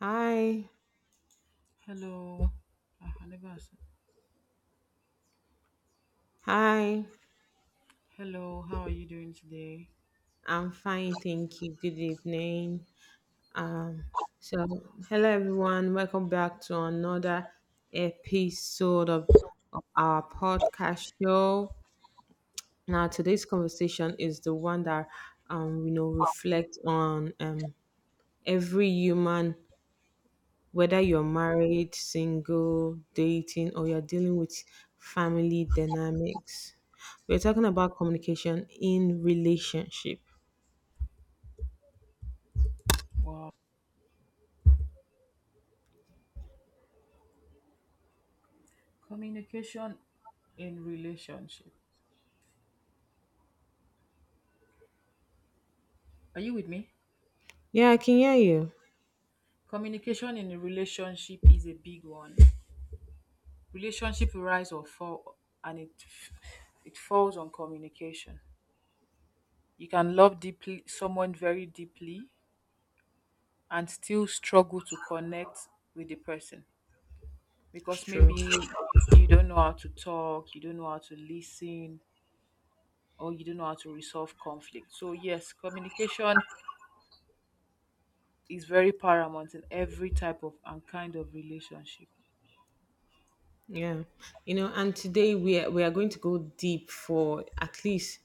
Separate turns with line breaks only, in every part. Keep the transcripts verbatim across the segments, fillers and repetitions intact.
Hi,
Hello. Ah, I never asked.
hi.
Hello, how are you doing today?
I'm fine, thank you. Good evening. So, Hello everyone. Welcome back to another episode of, of our podcast show. Now, today's conversation is the one that um you know reflects on um every human, whether you're married, single, dating, or you're dealing with family dynamics. We're talking about communication in relationship.
Wow. Communication in relationship. Are you with me?
Yeah, I can hear you.
Communication in a relationship is a big one. Relationship rise or fall and it it falls on communication. You can love deeply someone very deeply and still struggle to connect with the person
It's
because maybe
true.
you don't know how to talk, you don't know how to listen, or you don't know how to resolve conflict. So, yes, communication is very paramount in every type of and kind of relationship.
Yeah. You know, and today we are, we are going to go deep for at least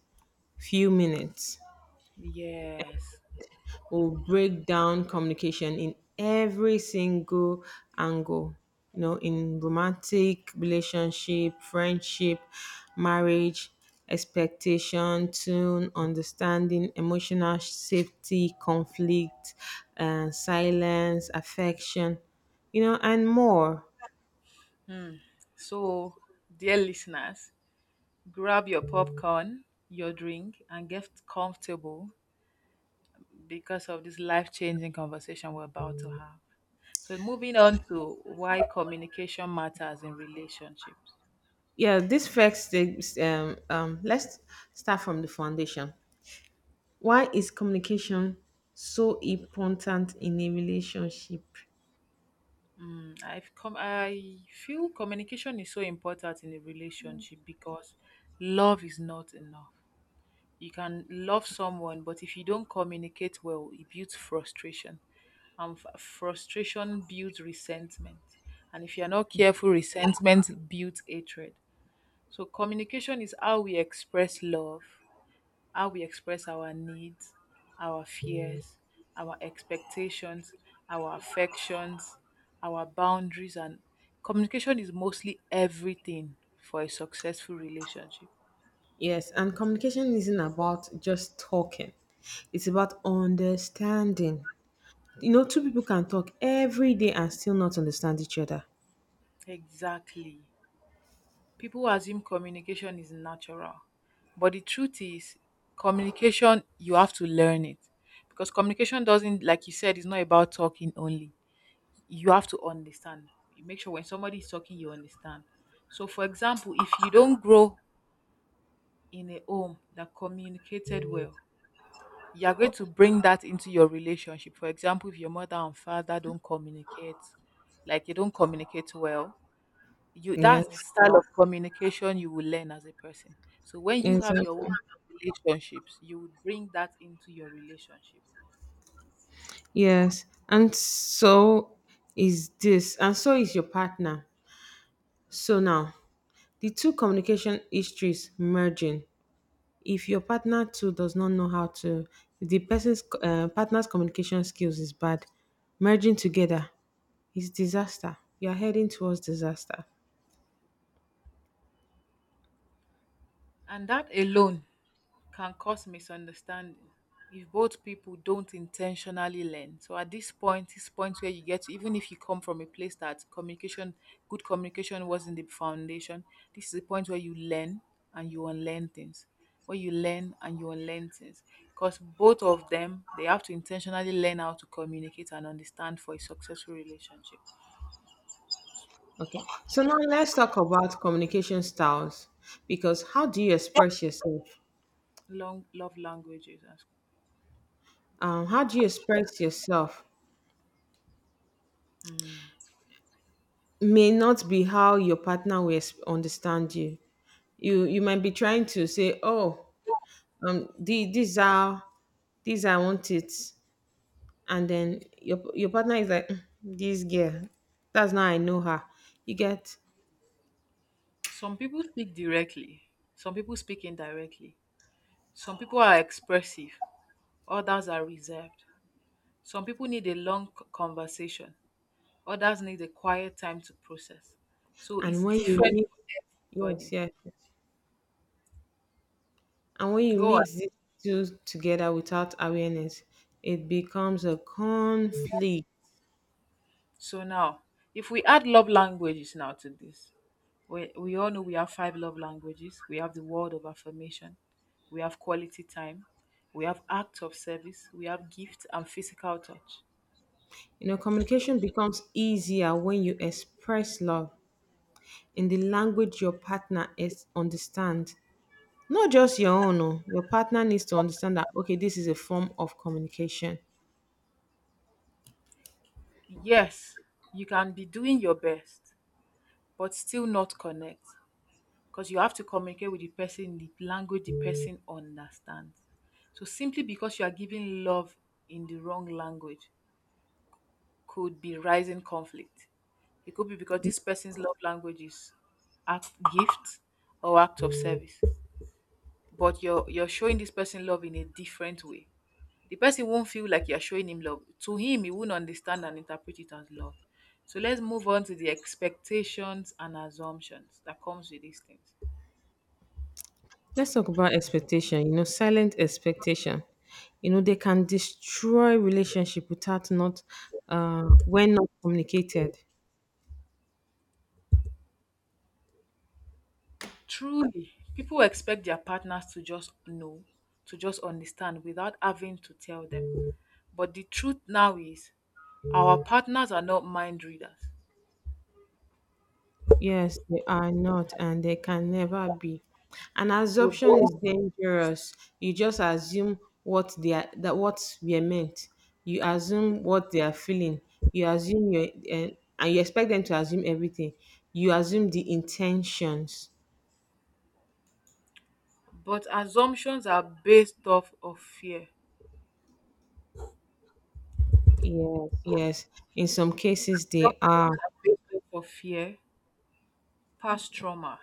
few minutes.
Yes.
We'll break down communication in every single angle. You know, in romantic relationship, friendship, marriage, expectation, tune, understanding, emotional safety, conflict, uh, silence, affection, you know, and more.
Hmm. So, dear listeners, grab your popcorn, your drink, and get comfortable because of this life changing conversation we're about to have. So, moving on to why communication matters in relationships.
Yeah, this first stage, um, um, let's start from the foundation. Why is communication so important in a relationship?
Mm, I've come. I feel communication is so important in a relationship because love is not enough. You can love someone, but if you don't communicate well, it builds frustration, and f- frustration builds resentment. And if you're not careful, resentment builds hatred. So communication is how we express love, how we express our needs, our fears, our expectations, our affections, our boundaries, and communication is mostly everything for a successful relationship.
Yes, and communication isn't about just talking, it's about understanding. You know, two people can talk every day and still not understand each other.
Exactly. People assume communication is natural. But the truth is, communication, you have to learn it. Because communication doesn't, like you said, it's not about talking only. You have to understand. You make sure when somebody is talking, you understand. So, for example, if you don't grow in a home that communicated well, you are going to bring that into your relationship. For example, if your mother and father don't communicate, like you don't communicate well, you that's the
Yes,
style of communication you will learn as a person. So when you have your own
exactly.
relationships, you would bring that into your relationship.
Yes, and so is this, and so is your partner. So now, the two communication histories merging. If your partner too does not know how to, if the person's uh, partner's communication skills is bad, merging together is disaster. You are heading towards disaster.
And that alone can cause misunderstanding if both people don't intentionally learn. So at this point, this point where you get to, even if you come from a place that communication, good communication wasn't the foundation, this is the point where you learn and you unlearn things. Where you learn and you unlearn things. Because both of them, they have to intentionally learn how to communicate and understand for a successful relationship.
Okay. So now let's talk about communication styles because how do you express yourself?
Long love languages.
Um, how do you express yourself may not be how your partner will ex- understand you. You you might be trying to say, oh, um, the, these are these I want it. And then your your partner is like, "Mm, this girl, that's not, I know her, you get."
Some people speak directly, some people speak indirectly. Some people are expressive, others are reserved. Some people need a long c- conversation, others need a quiet time to process. So
And
it's
when you
different
mix,
for
yes,
everybody.
yes, yes. And when you
Go on.
mix these two together without awareness, it becomes a conflict.
So now, if we add love languages now to this, we, we all know we have five love languages. We have the word of affirmation, we have quality time, we have act of service, we have gift and physical touch.
You know communication becomes easier when you express love in the language your partner is understand, not just your own. Oh, your partner needs to understand that, okay, this is a form of communication.
Yes, you can be doing your best, but still not connect. Because you have to communicate with the person in the language the person understands. So simply because you are giving love in the wrong language could be rising conflict. It could be because this person's love language is act, gift, or act of service. But you're you're showing this person love in a different way. The person won't feel like you're showing him love. To him, he won't understand and interpret it as love. So let's move on to the expectations and assumptions that comes with these things.
Let's talk about expectation. You know, silent expectation. You know, they can destroy relationship without not uh, when not communicated.
Truly, people expect their partners to just know, to just understand without having to tell them. But the truth now is, our partners are not mind readers.
Yes, they are not, and they can never be. And
They
assumption
don't.
is dangerous. You just assume what they are, that what we are meant. You assume what they are feeling. You assume your uh, and you expect them to assume everything. You assume the intentions.
But assumptions are based off of fear.
Yes, yes. In some cases, they
Assumptions
are.
are based off of fear, past trauma,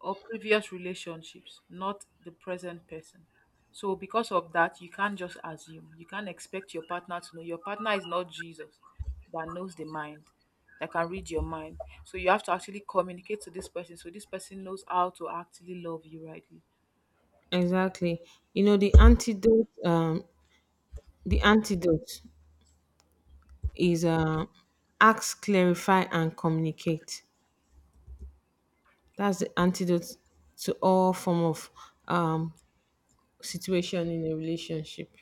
or previous relationships, not the present person. So, because of that, you can't just assume. You can't expect your partner to know. Your partner is not Jesus that knows the mind, that can read your mind. So, you have to actually communicate to this person so this person knows how to actually love you rightly.
Exactly. You know, the antidote, um, the antidote is uh, ask, clarify, and communicate. That's the antidote to all form of um, situation in a relationship.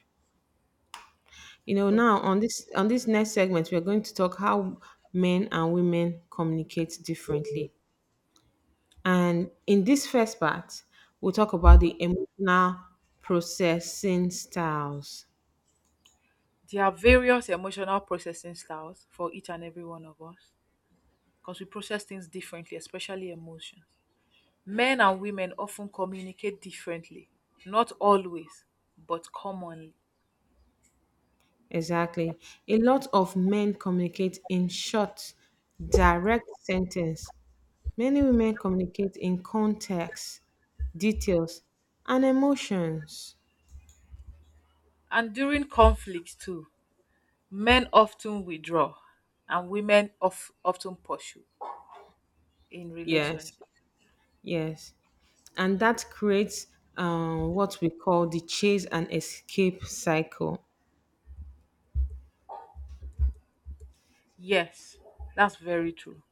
You know,
But
now on this on this next segment, we are going to talk how men and women communicate differently. And in this first part, we'll talk about the emotional processing styles.
There are various emotional processing styles for each and every one of us because we process things differently, especially emotions. Men and women often communicate differently, not always, but commonly.
Exactly. A lot of men communicate in short, direct sentence. Many women communicate in context, details, and emotions.
And during conflicts too, men often withdraw and women of, often pursue in
Yes,
relationship.
yes. And that creates um, what we call the chase and escape cycle.
Yes, that's very true.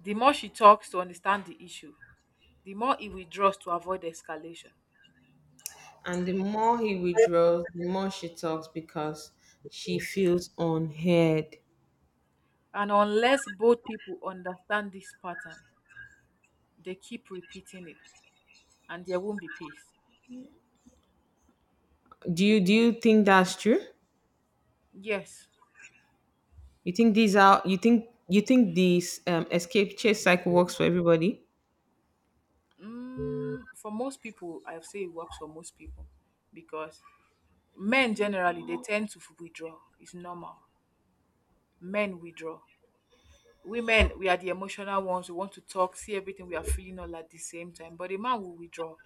The more she talks to understand the issue, the more he withdraws to avoid escalation.
And the more he withdraws, the more she talks because she feels unheard.
And unless both people understand this pattern, they keep repeating it and there won't be peace.
Do you do you think that's true?
Yes.
You think these are, you think you think this um, escape chase cycle works for everybody?
Mm, for most people, I'll say it works for most people because men generally they tend to withdraw. It's normal men withdraw. Women, we are the emotional ones. We want to talk, see everything we are feeling all at the same time. But a man will withdraw.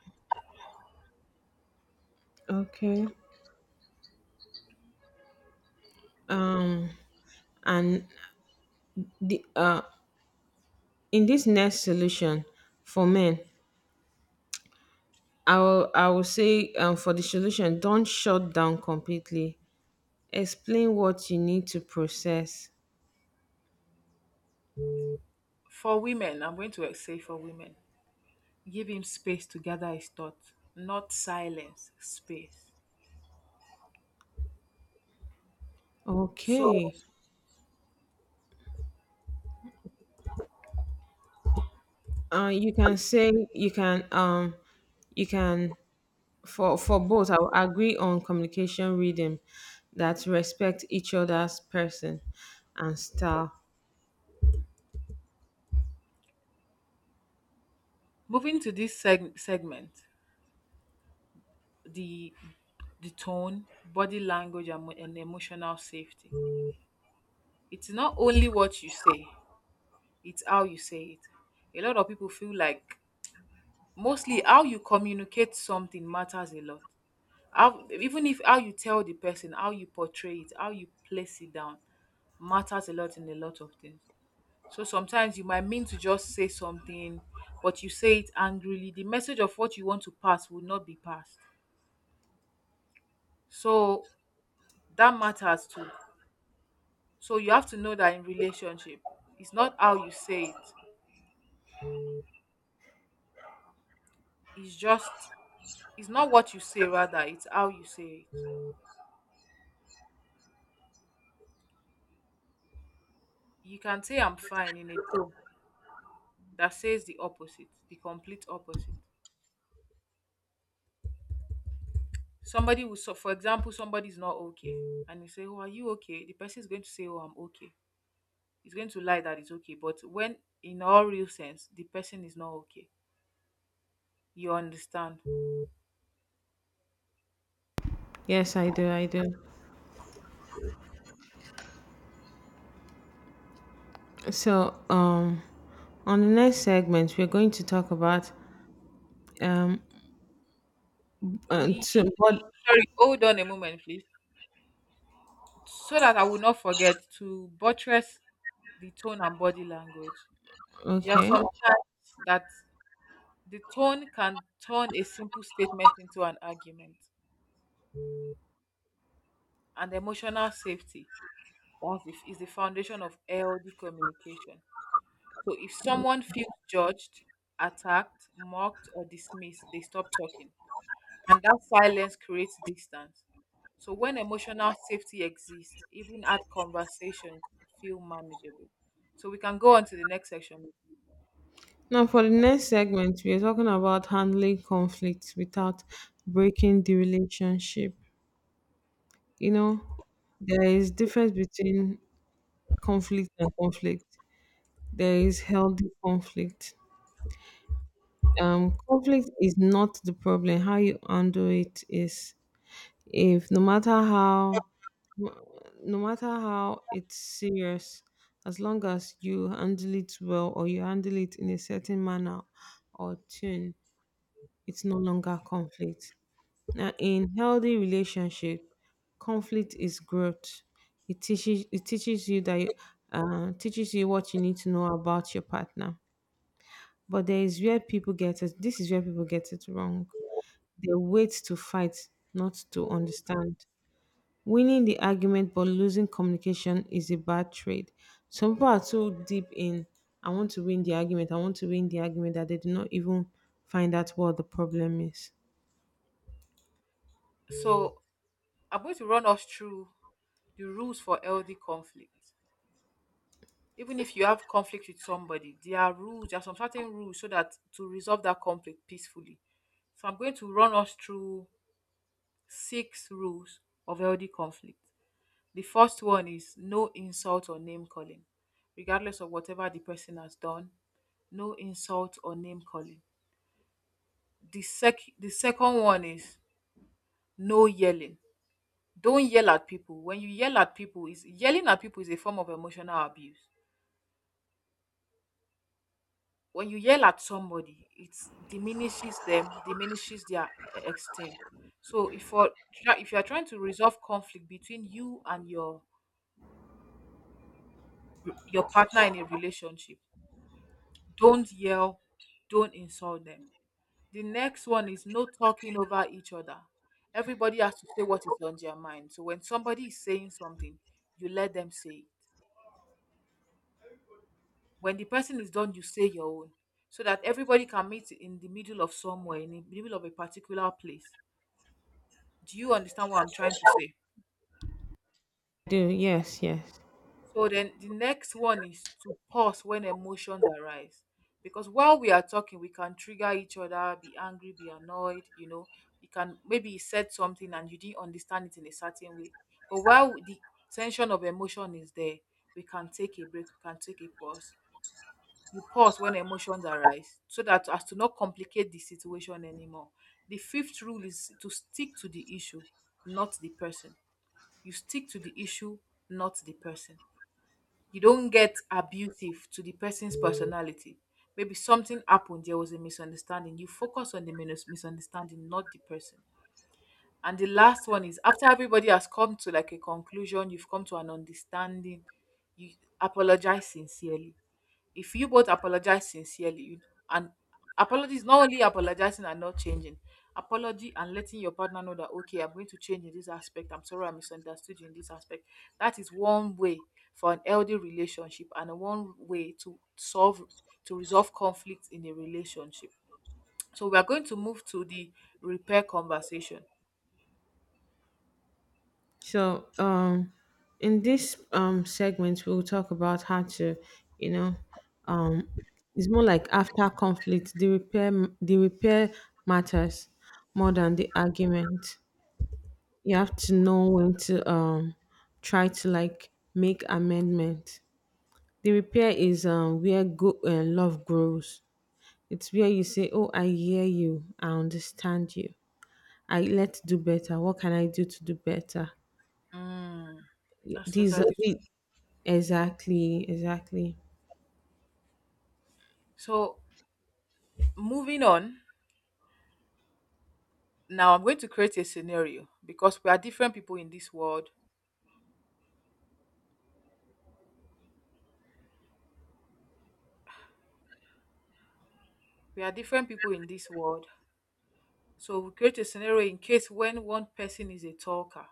Okay. Um and the uh In this next solution for men, I will I will say, um for the solution, don't shut down completely. Explain what you need to process.
For women, I'm going to say for women, give him space to gather his thoughts, not silence, space. So,
Okay. Uh you can say you can um you can for for both, I will agree on communication rhythm that respect each other's person and style.
moving to this seg- segment, the the tone, body language, and, mo- and emotional safety. It's not only what you say; it's how you say it. A lot of people feel like mostly how you communicate something matters a lot, how even if how you tell the person, how you portray it, how you place it down matters a lot in a lot of things. So sometimes you might mean to just say something, but you say it angrily, the message of what you want to pass will not be passed. So that matters too. So you have to know that in relationship, it's not how you say it, it's just, it's not what you say, rather it's how you say it. You can say I'm fine in a tone that says the opposite, the complete opposite. Somebody will, so for example, somebody's not okay and you say, "Oh, are you okay?" The person is going to say, "Oh, I'm okay." He's going to lie that it's okay. But when in all real sense the person is not okay. You understand.
Yes, I do, I do. so um on the next segment, we're going to talk about um uh,
We
to, what
Sorry, hold on a moment, please. So that I will not forget to buttress the tone and body language. Just
okay,
sometimes that the tone can turn a simple statement into an argument. And emotional safety, that's is is the foundation of healthy communication. So if someone feels judged, attacked, mocked, or dismissed, they stop talking. And that silence creates distance. So when emotional safety exists, even hard conversations feel manageable. So we can go on to the next section.
now for the next segment, we're talking about handling conflicts without breaking the relationship. You know, there is difference between conflict and conflict. There is healthy conflict. Um, conflict is not the problem. How you handle it is. If no matter how No matter how it's serious, as long as you handle it well or you handle it in a certain manner or tune, it's no
Mm.
longer conflict. Now in healthy relationship, conflict is growth. It teaches it teaches you that uh, teaches you what you need to know about your partner. But there is where people get it. This is where people get it wrong. They wait to fight, not to understand. Winning the argument but losing communication is a bad trade. Some people are too deep in, I want to win the argument, I want to win the argument, that they do not even find out what the problem is.
So I'm going to run us through the rules for healthy conflict. Even if you have conflict with somebody, there are rules, there are some certain rules so that to resolve that conflict peacefully. So I'm going to run us through six rules of healthy conflict. The first one is no insult or name calling, regardless of whatever the person has done. No insult or name calling. The sec the second one is no yelling. Don't yell at people. When you yell at people, is yelling at people is a form of emotional abuse. When you yell at somebody, it diminishes them, diminishes their esteem. So if for if you are trying to resolve conflict between you and your your partner in a relationship, don't yell, don't insult them. The next one is no talking over each other. Everybody has to say what is on their mind. So when somebody is saying something, you let them say it. When the person is done, you say your own. So that everybody can meet in the middle of somewhere, in the middle of a particular place. Do you understand what I'm trying to say?
Do, yes, yes.
So then the next one is to pause when emotions arise. Because while we are talking, we can trigger each other, be angry, be annoyed, you know. You can, maybe he said something and you didn't understand it in a certain way. But while the tension of emotion is there, we can take a break, we can take a pause. You pause when emotions arise so that as to not complicate the situation anymore. The fifth rule is to stick to the issue, not the person. You stick to the issue, not the person, you don't get abusive to the person's personality. Maybe something happened, there was a misunderstanding. You focus on the minus- misunderstanding, not the person. And the last one is after everybody has come to like a conclusion, you've come to an understanding, you apologize sincerely, if you both apologize sincerely, you, and apologies, not only apologizing and not changing, apology and letting your partner know that okay, I'm going to change in this aspect, I'm sorry I misunderstood you in this aspect. That is one way for an healthy relationship and one way to solve, to resolve conflict in a relationship. So we are going to move to the repair conversation.
so um in this um segment, we'll talk about how to, you know, um it's more like after conflict, the repair, the repair matters more than the argument. You have to know when to um try to like make amendment. The repair is um where go uh, love grows. It's where you say, "Oh, I hear you. I understand you. I, let's do better. What can I do to do better?"
Mm,
Y-
that's
These, are-
totally.
the Exactly, exactly.
So moving on, now I'm going to create a scenario because we are different people in this world. We are different people in this world. So we create a scenario in case when one person is a talker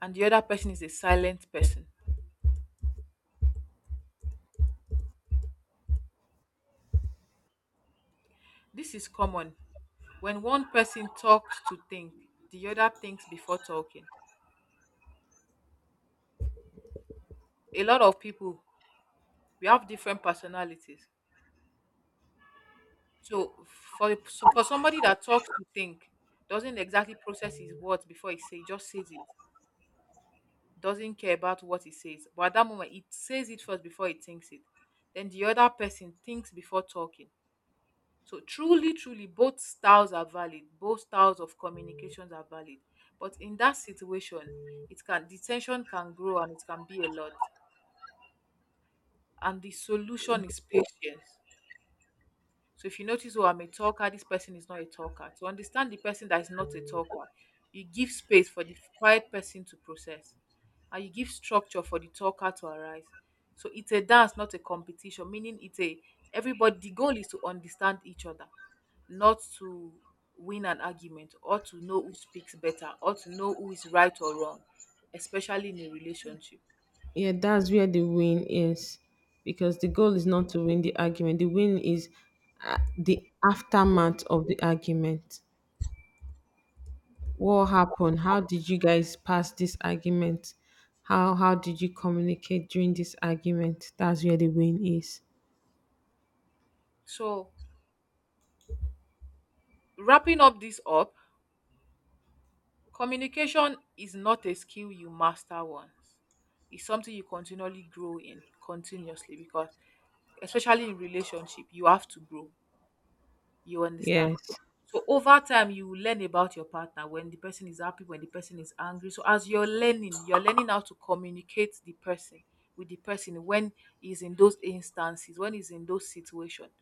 and the other person is a silent person. This is common. When one person talks to think, the other thinks before talking. A lot of people, we have different personalities. So for, so for somebody that talks to think, doesn't exactly process his words before he say, just says it. Doesn't care about what he says. But at that moment, it says it first before it thinks it. Then the other person thinks before talking. So truly, truly, both styles are valid. Both styles of communications are valid. But in that situation, it can the tension can grow and it can be a lot. And the solution is patience. So if you notice, oh, I'm a talker, this person is not a talker. To understand the person that is not a talker, you give space for the quiet person to process, and you give structure for the talker to arise. So it's a dance, not a competition, meaning it's a everybody, the goal is to understand each other, not to win an argument or to know who speaks better or to know who is right or wrong, especially in a relationship.
Yeah, that's where the win is, because the goal is not to win the argument. The win is uh, the aftermath of the argument. What happened? How did you guys pass this argument? How how did you communicate during this argument? That's where the win is.
So wrapping up this up, communication is not a skill you master once. It's something you continually grow in continuously, because especially in relationship, you have to grow. You understand?
Yes.
So over time you will learn about your partner, when the person is happy, when the person is angry. So as you're learning, you're learning how to communicate the person with the person when he's in those instances, when he's in those situations.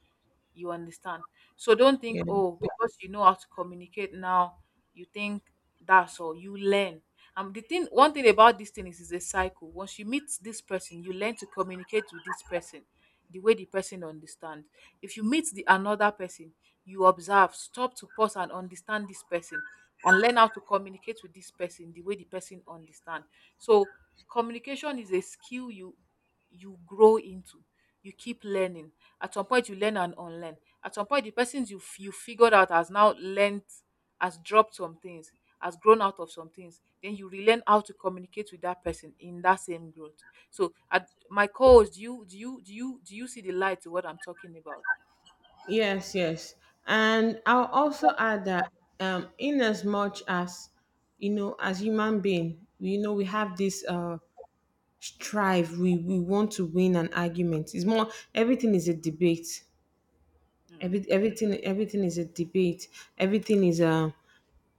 You understand? So don't
Yeah.
think, oh, because you know how to communicate now, you think that's all. You learn. um the thing, one thing about this thing is, it's a cycle. Once you meet this person, you learn to communicate with this person the way the person understands. If you meet the another person, you observe, stop to pause and understand this person, and learn how to communicate with this person the way the person understands. So communication is a skill you you grow into. You keep learning. At some point, you learn and unlearn. At some point, the persons you f- you figured out has now learned, has dropped some things, has grown out of some things. Then you relearn how to communicate with that person in that same growth. So, at my coach, do you do you do you do you see the light to what I'm talking about?
Yes, yes. And I'll also add that, um, in as much as, you know, as human being, we- you know, we have this uh, strive, we, we want to win an argument. It's more, everything is a debate.
Mm.
Every, everything, everything is a debate. Everything is a,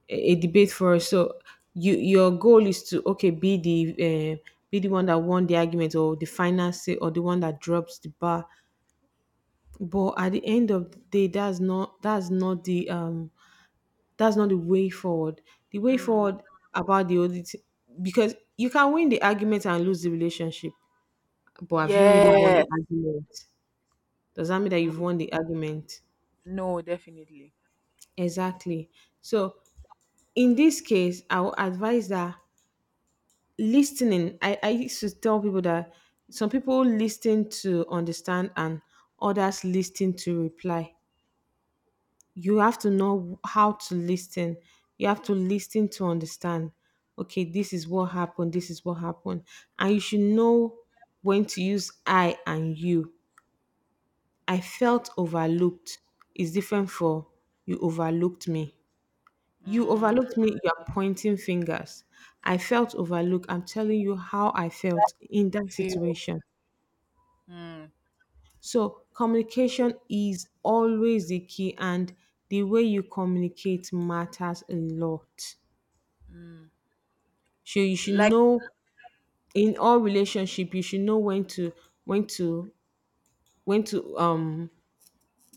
a a debate for us. So you, your goal is to, okay, be the uh, be the one that won the argument or the final say or the one that drops the bar. But at the end of the day, that's not that's not the um that's not the way forward. The way
Mm.
forward about the audit, because you can win the argument and lose the relationship, but have you really won the
Yes.
argument? Does that mean that you've won the argument?
No, definitely.
Exactly. So in this case, I will advise that listening, I, I used to tell people that some people listen to understand and others listen to reply. You have to know how to listen. You have to listen to understand. Okay, this is what happened, this is what happened. And you should know when to use I and you. I felt overlooked is different for you overlooked me. You
Mm.
overlooked me. You're pointing fingers. I felt overlooked. I'm telling you how I felt in that
Feel.
situation.
Mm.
So, communication is always the key, and the way you communicate matters a lot. So you should
Like,
know, in all relationship, you should know when to when to when to um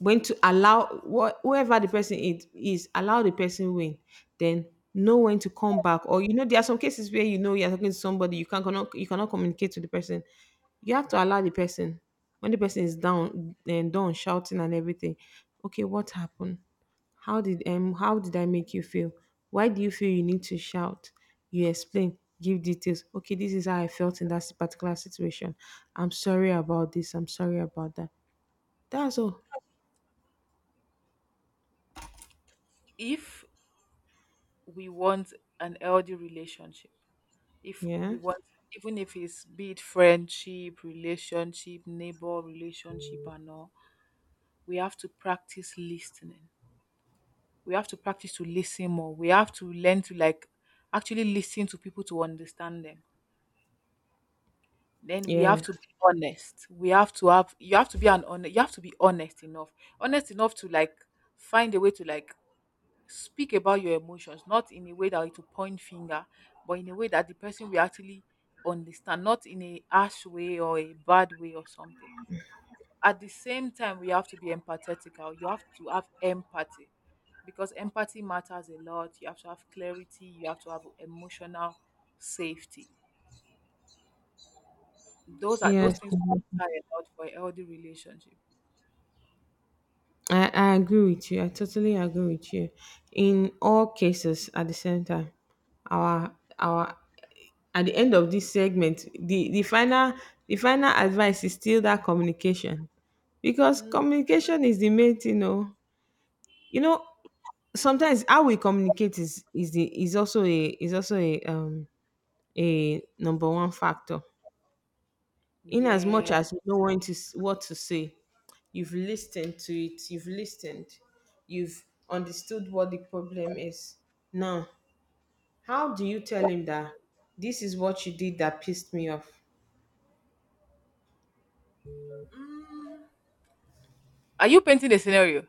when to allow wh- whoever the person it is, allow the person win. Then know when to come back. Or you know, there are some cases where you know you're talking to somebody, you can't cannot, you cannot communicate to the person. You have to allow the person when the person is down and down shouting and everything. Okay, what happened? How did um how did I make you feel? Why do you feel you need to shout? You explain, give details. Okay, this is how I felt in that particular situation. I'm sorry about this. I'm sorry about that. That's all.
if we want an healthy relationship, if we
Yeah.
want, even if it's, be it friendship relationship, neighbor relationship and all, we have to practice listening. We have to practice to listen more. We have to learn to, like, actually listen to people to understand them. Then we
Yeah.
have to be honest. We have to have you have to be an honest you have to be honest enough, honest enough to, like, find a way to, like, speak about your emotions, not in a way that it will point finger, but in a way that the person will actually understand, not in a harsh way or a bad way or something. At the same time, we have to be empathetical. You have to have empathy, because empathy matters a lot. You have to have clarity. You have to have emotional safety. Those are those
Yes,
things
mhm.
matter a lot for a healthy relationship.
I, I agree with you. I totally agree with you. In all cases, at the same time, our our at the end of this segment, the the final the final advice is still that communication, because communication is the main thing. You know, you know sometimes how we communicate is is the is also a is also a um a number one factor. In as much
Yeah.
as you know when to s- what to say, you've listened to it, you've listened, you've understood what the problem is, now how do you tell him that this is what you did that pissed me off?
Are you painting a scenario?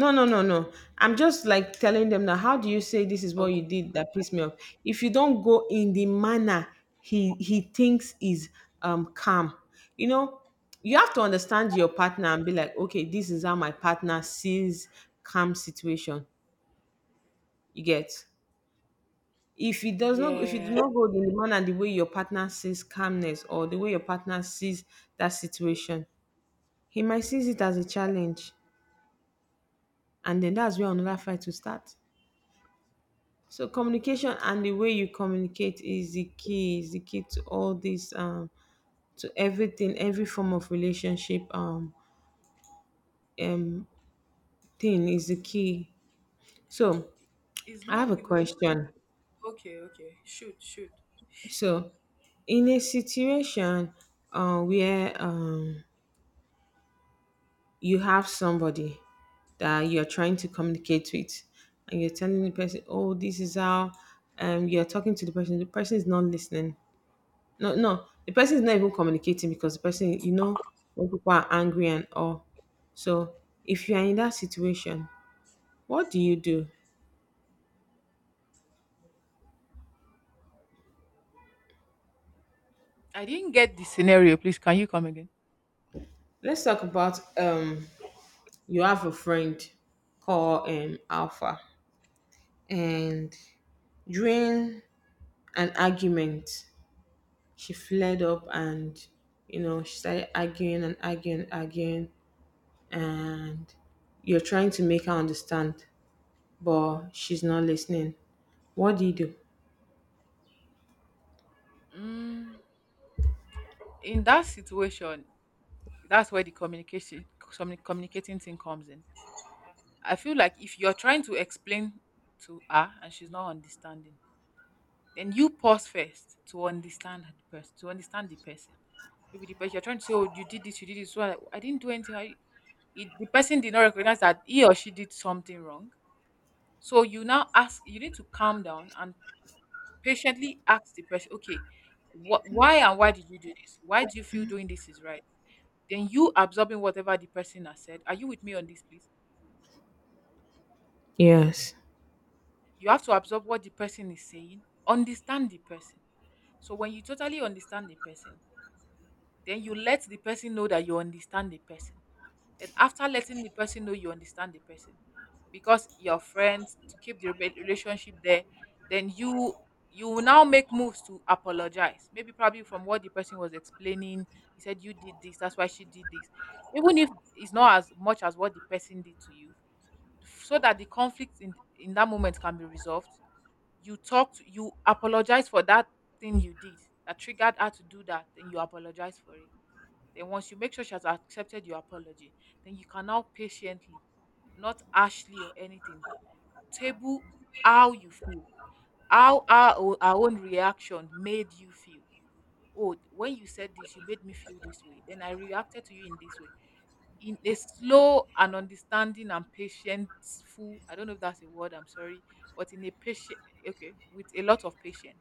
No, no, no, no, I'm just like telling them, now how do you say this is what
Okay.
you did that pissed me off? If you don't go in the manner he he thinks is um calm, you know, you have to understand your partner and be like, okay, this is how my partner sees calm situation. You get? If it does not, if it do
Yeah.
not go in the manner the way your partner sees calmness or the way your partner sees that situation, he might sees it as a challenge, and then that's where another fight will start. So communication and the way you communicate is the key, is the key to all this, um, to everything, every form of relationship, um, um, thing is the key. So
It's
I have
not
a
even
question.
okay. Okay. Shoot. Shoot.
So in a situation, uh, where um, you have somebody that you're trying to communicate with and you're telling the person, oh, this is how um you're talking to the person, the person is not listening. No, no, the person is not even communicating because the person, you know, when people are angry and all. So if you are in that situation, what do you do?
I didn't get the scenario. Please, can you come again?
Let's talk about, um you have a friend called um Alpha, and during an argument, she flared up and, you know, she started arguing and arguing and arguing, and you're trying to make her understand but she's not listening. What do you do?
Mm, in that situation, that's where the communication communi- communicating thing comes in. I feel like if you're trying to explain to her and she's not understanding, then you pause first to understand the person. To understand the person, maybe the person you're trying to say, "Oh, you did this, you did this." Well, I, I didn't do anything. I, it, the person did not recognize that he or she did something wrong. So you now ask. You need to calm down and patiently ask the person, okay, what, why, and why did you do this? Why do you feel doing this is right? Then you absorbing whatever the person has said. Are you with me on this, please?
Yes.
You have to absorb what the person is saying, understand the person. So when you totally understand the person, then you let the person know that you understand the person. Then after letting the person know you understand the person, because your friends to keep the re- relationship there, then you you will now make moves to apologize. Maybe probably from what the person was explaining, he said you did this, that's why she did this. Even if it's not as much as what the person did to you, so that the conflict in in that moment can be resolved. You talked, you apologize for that thing you did that triggered her to do that, then you apologize for it. Then once you make sure she has accepted your apology, then you can now patiently, not harshly or anything, table how you feel, how our, our own reaction made you feel. Oh, when you said this, you made me feel this way, then I reacted to you in this way, in a slow and understanding and patientful, I don't know if that's a word, I'm sorry, but in a patient, okay, with a lot of patience.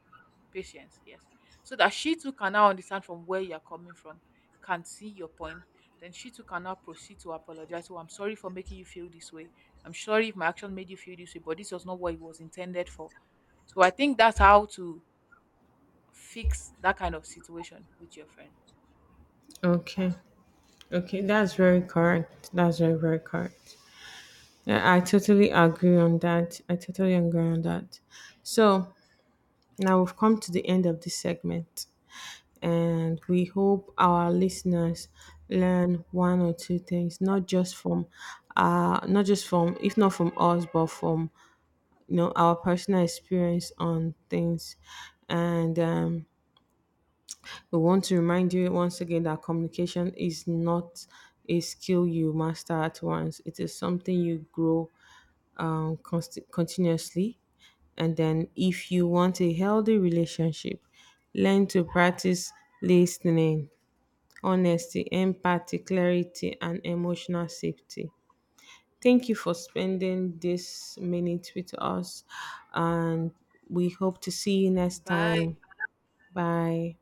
Patience, yes. So that she too can now understand from where you're coming from, can see your point, then she too can now proceed to apologize. Oh, I'm sorry for making you feel this way. I'm sorry if my action made you feel this way, but this was not what it was intended for. So I think that's how to fix that kind of situation with your friend.
Okay. Okay. That's very correct. That's very, very correct. Yeah, I totally agree on that. I totally agree on that. So now we've come to the end of this segment. And we hope our listeners learn one or two things, not just from uh not just from if not from us, but from, you know, our personal experience on things. And um, we want to remind you once again that communication is not a skill you master at once, it is something you grow, um, const- continuously. And then if you want a healthy relationship, learn to practice listening, honesty, empathy, clarity, and emotional safety. Thank you for spending this minute with us, and we hope to see you next
Bye.
time. Bye.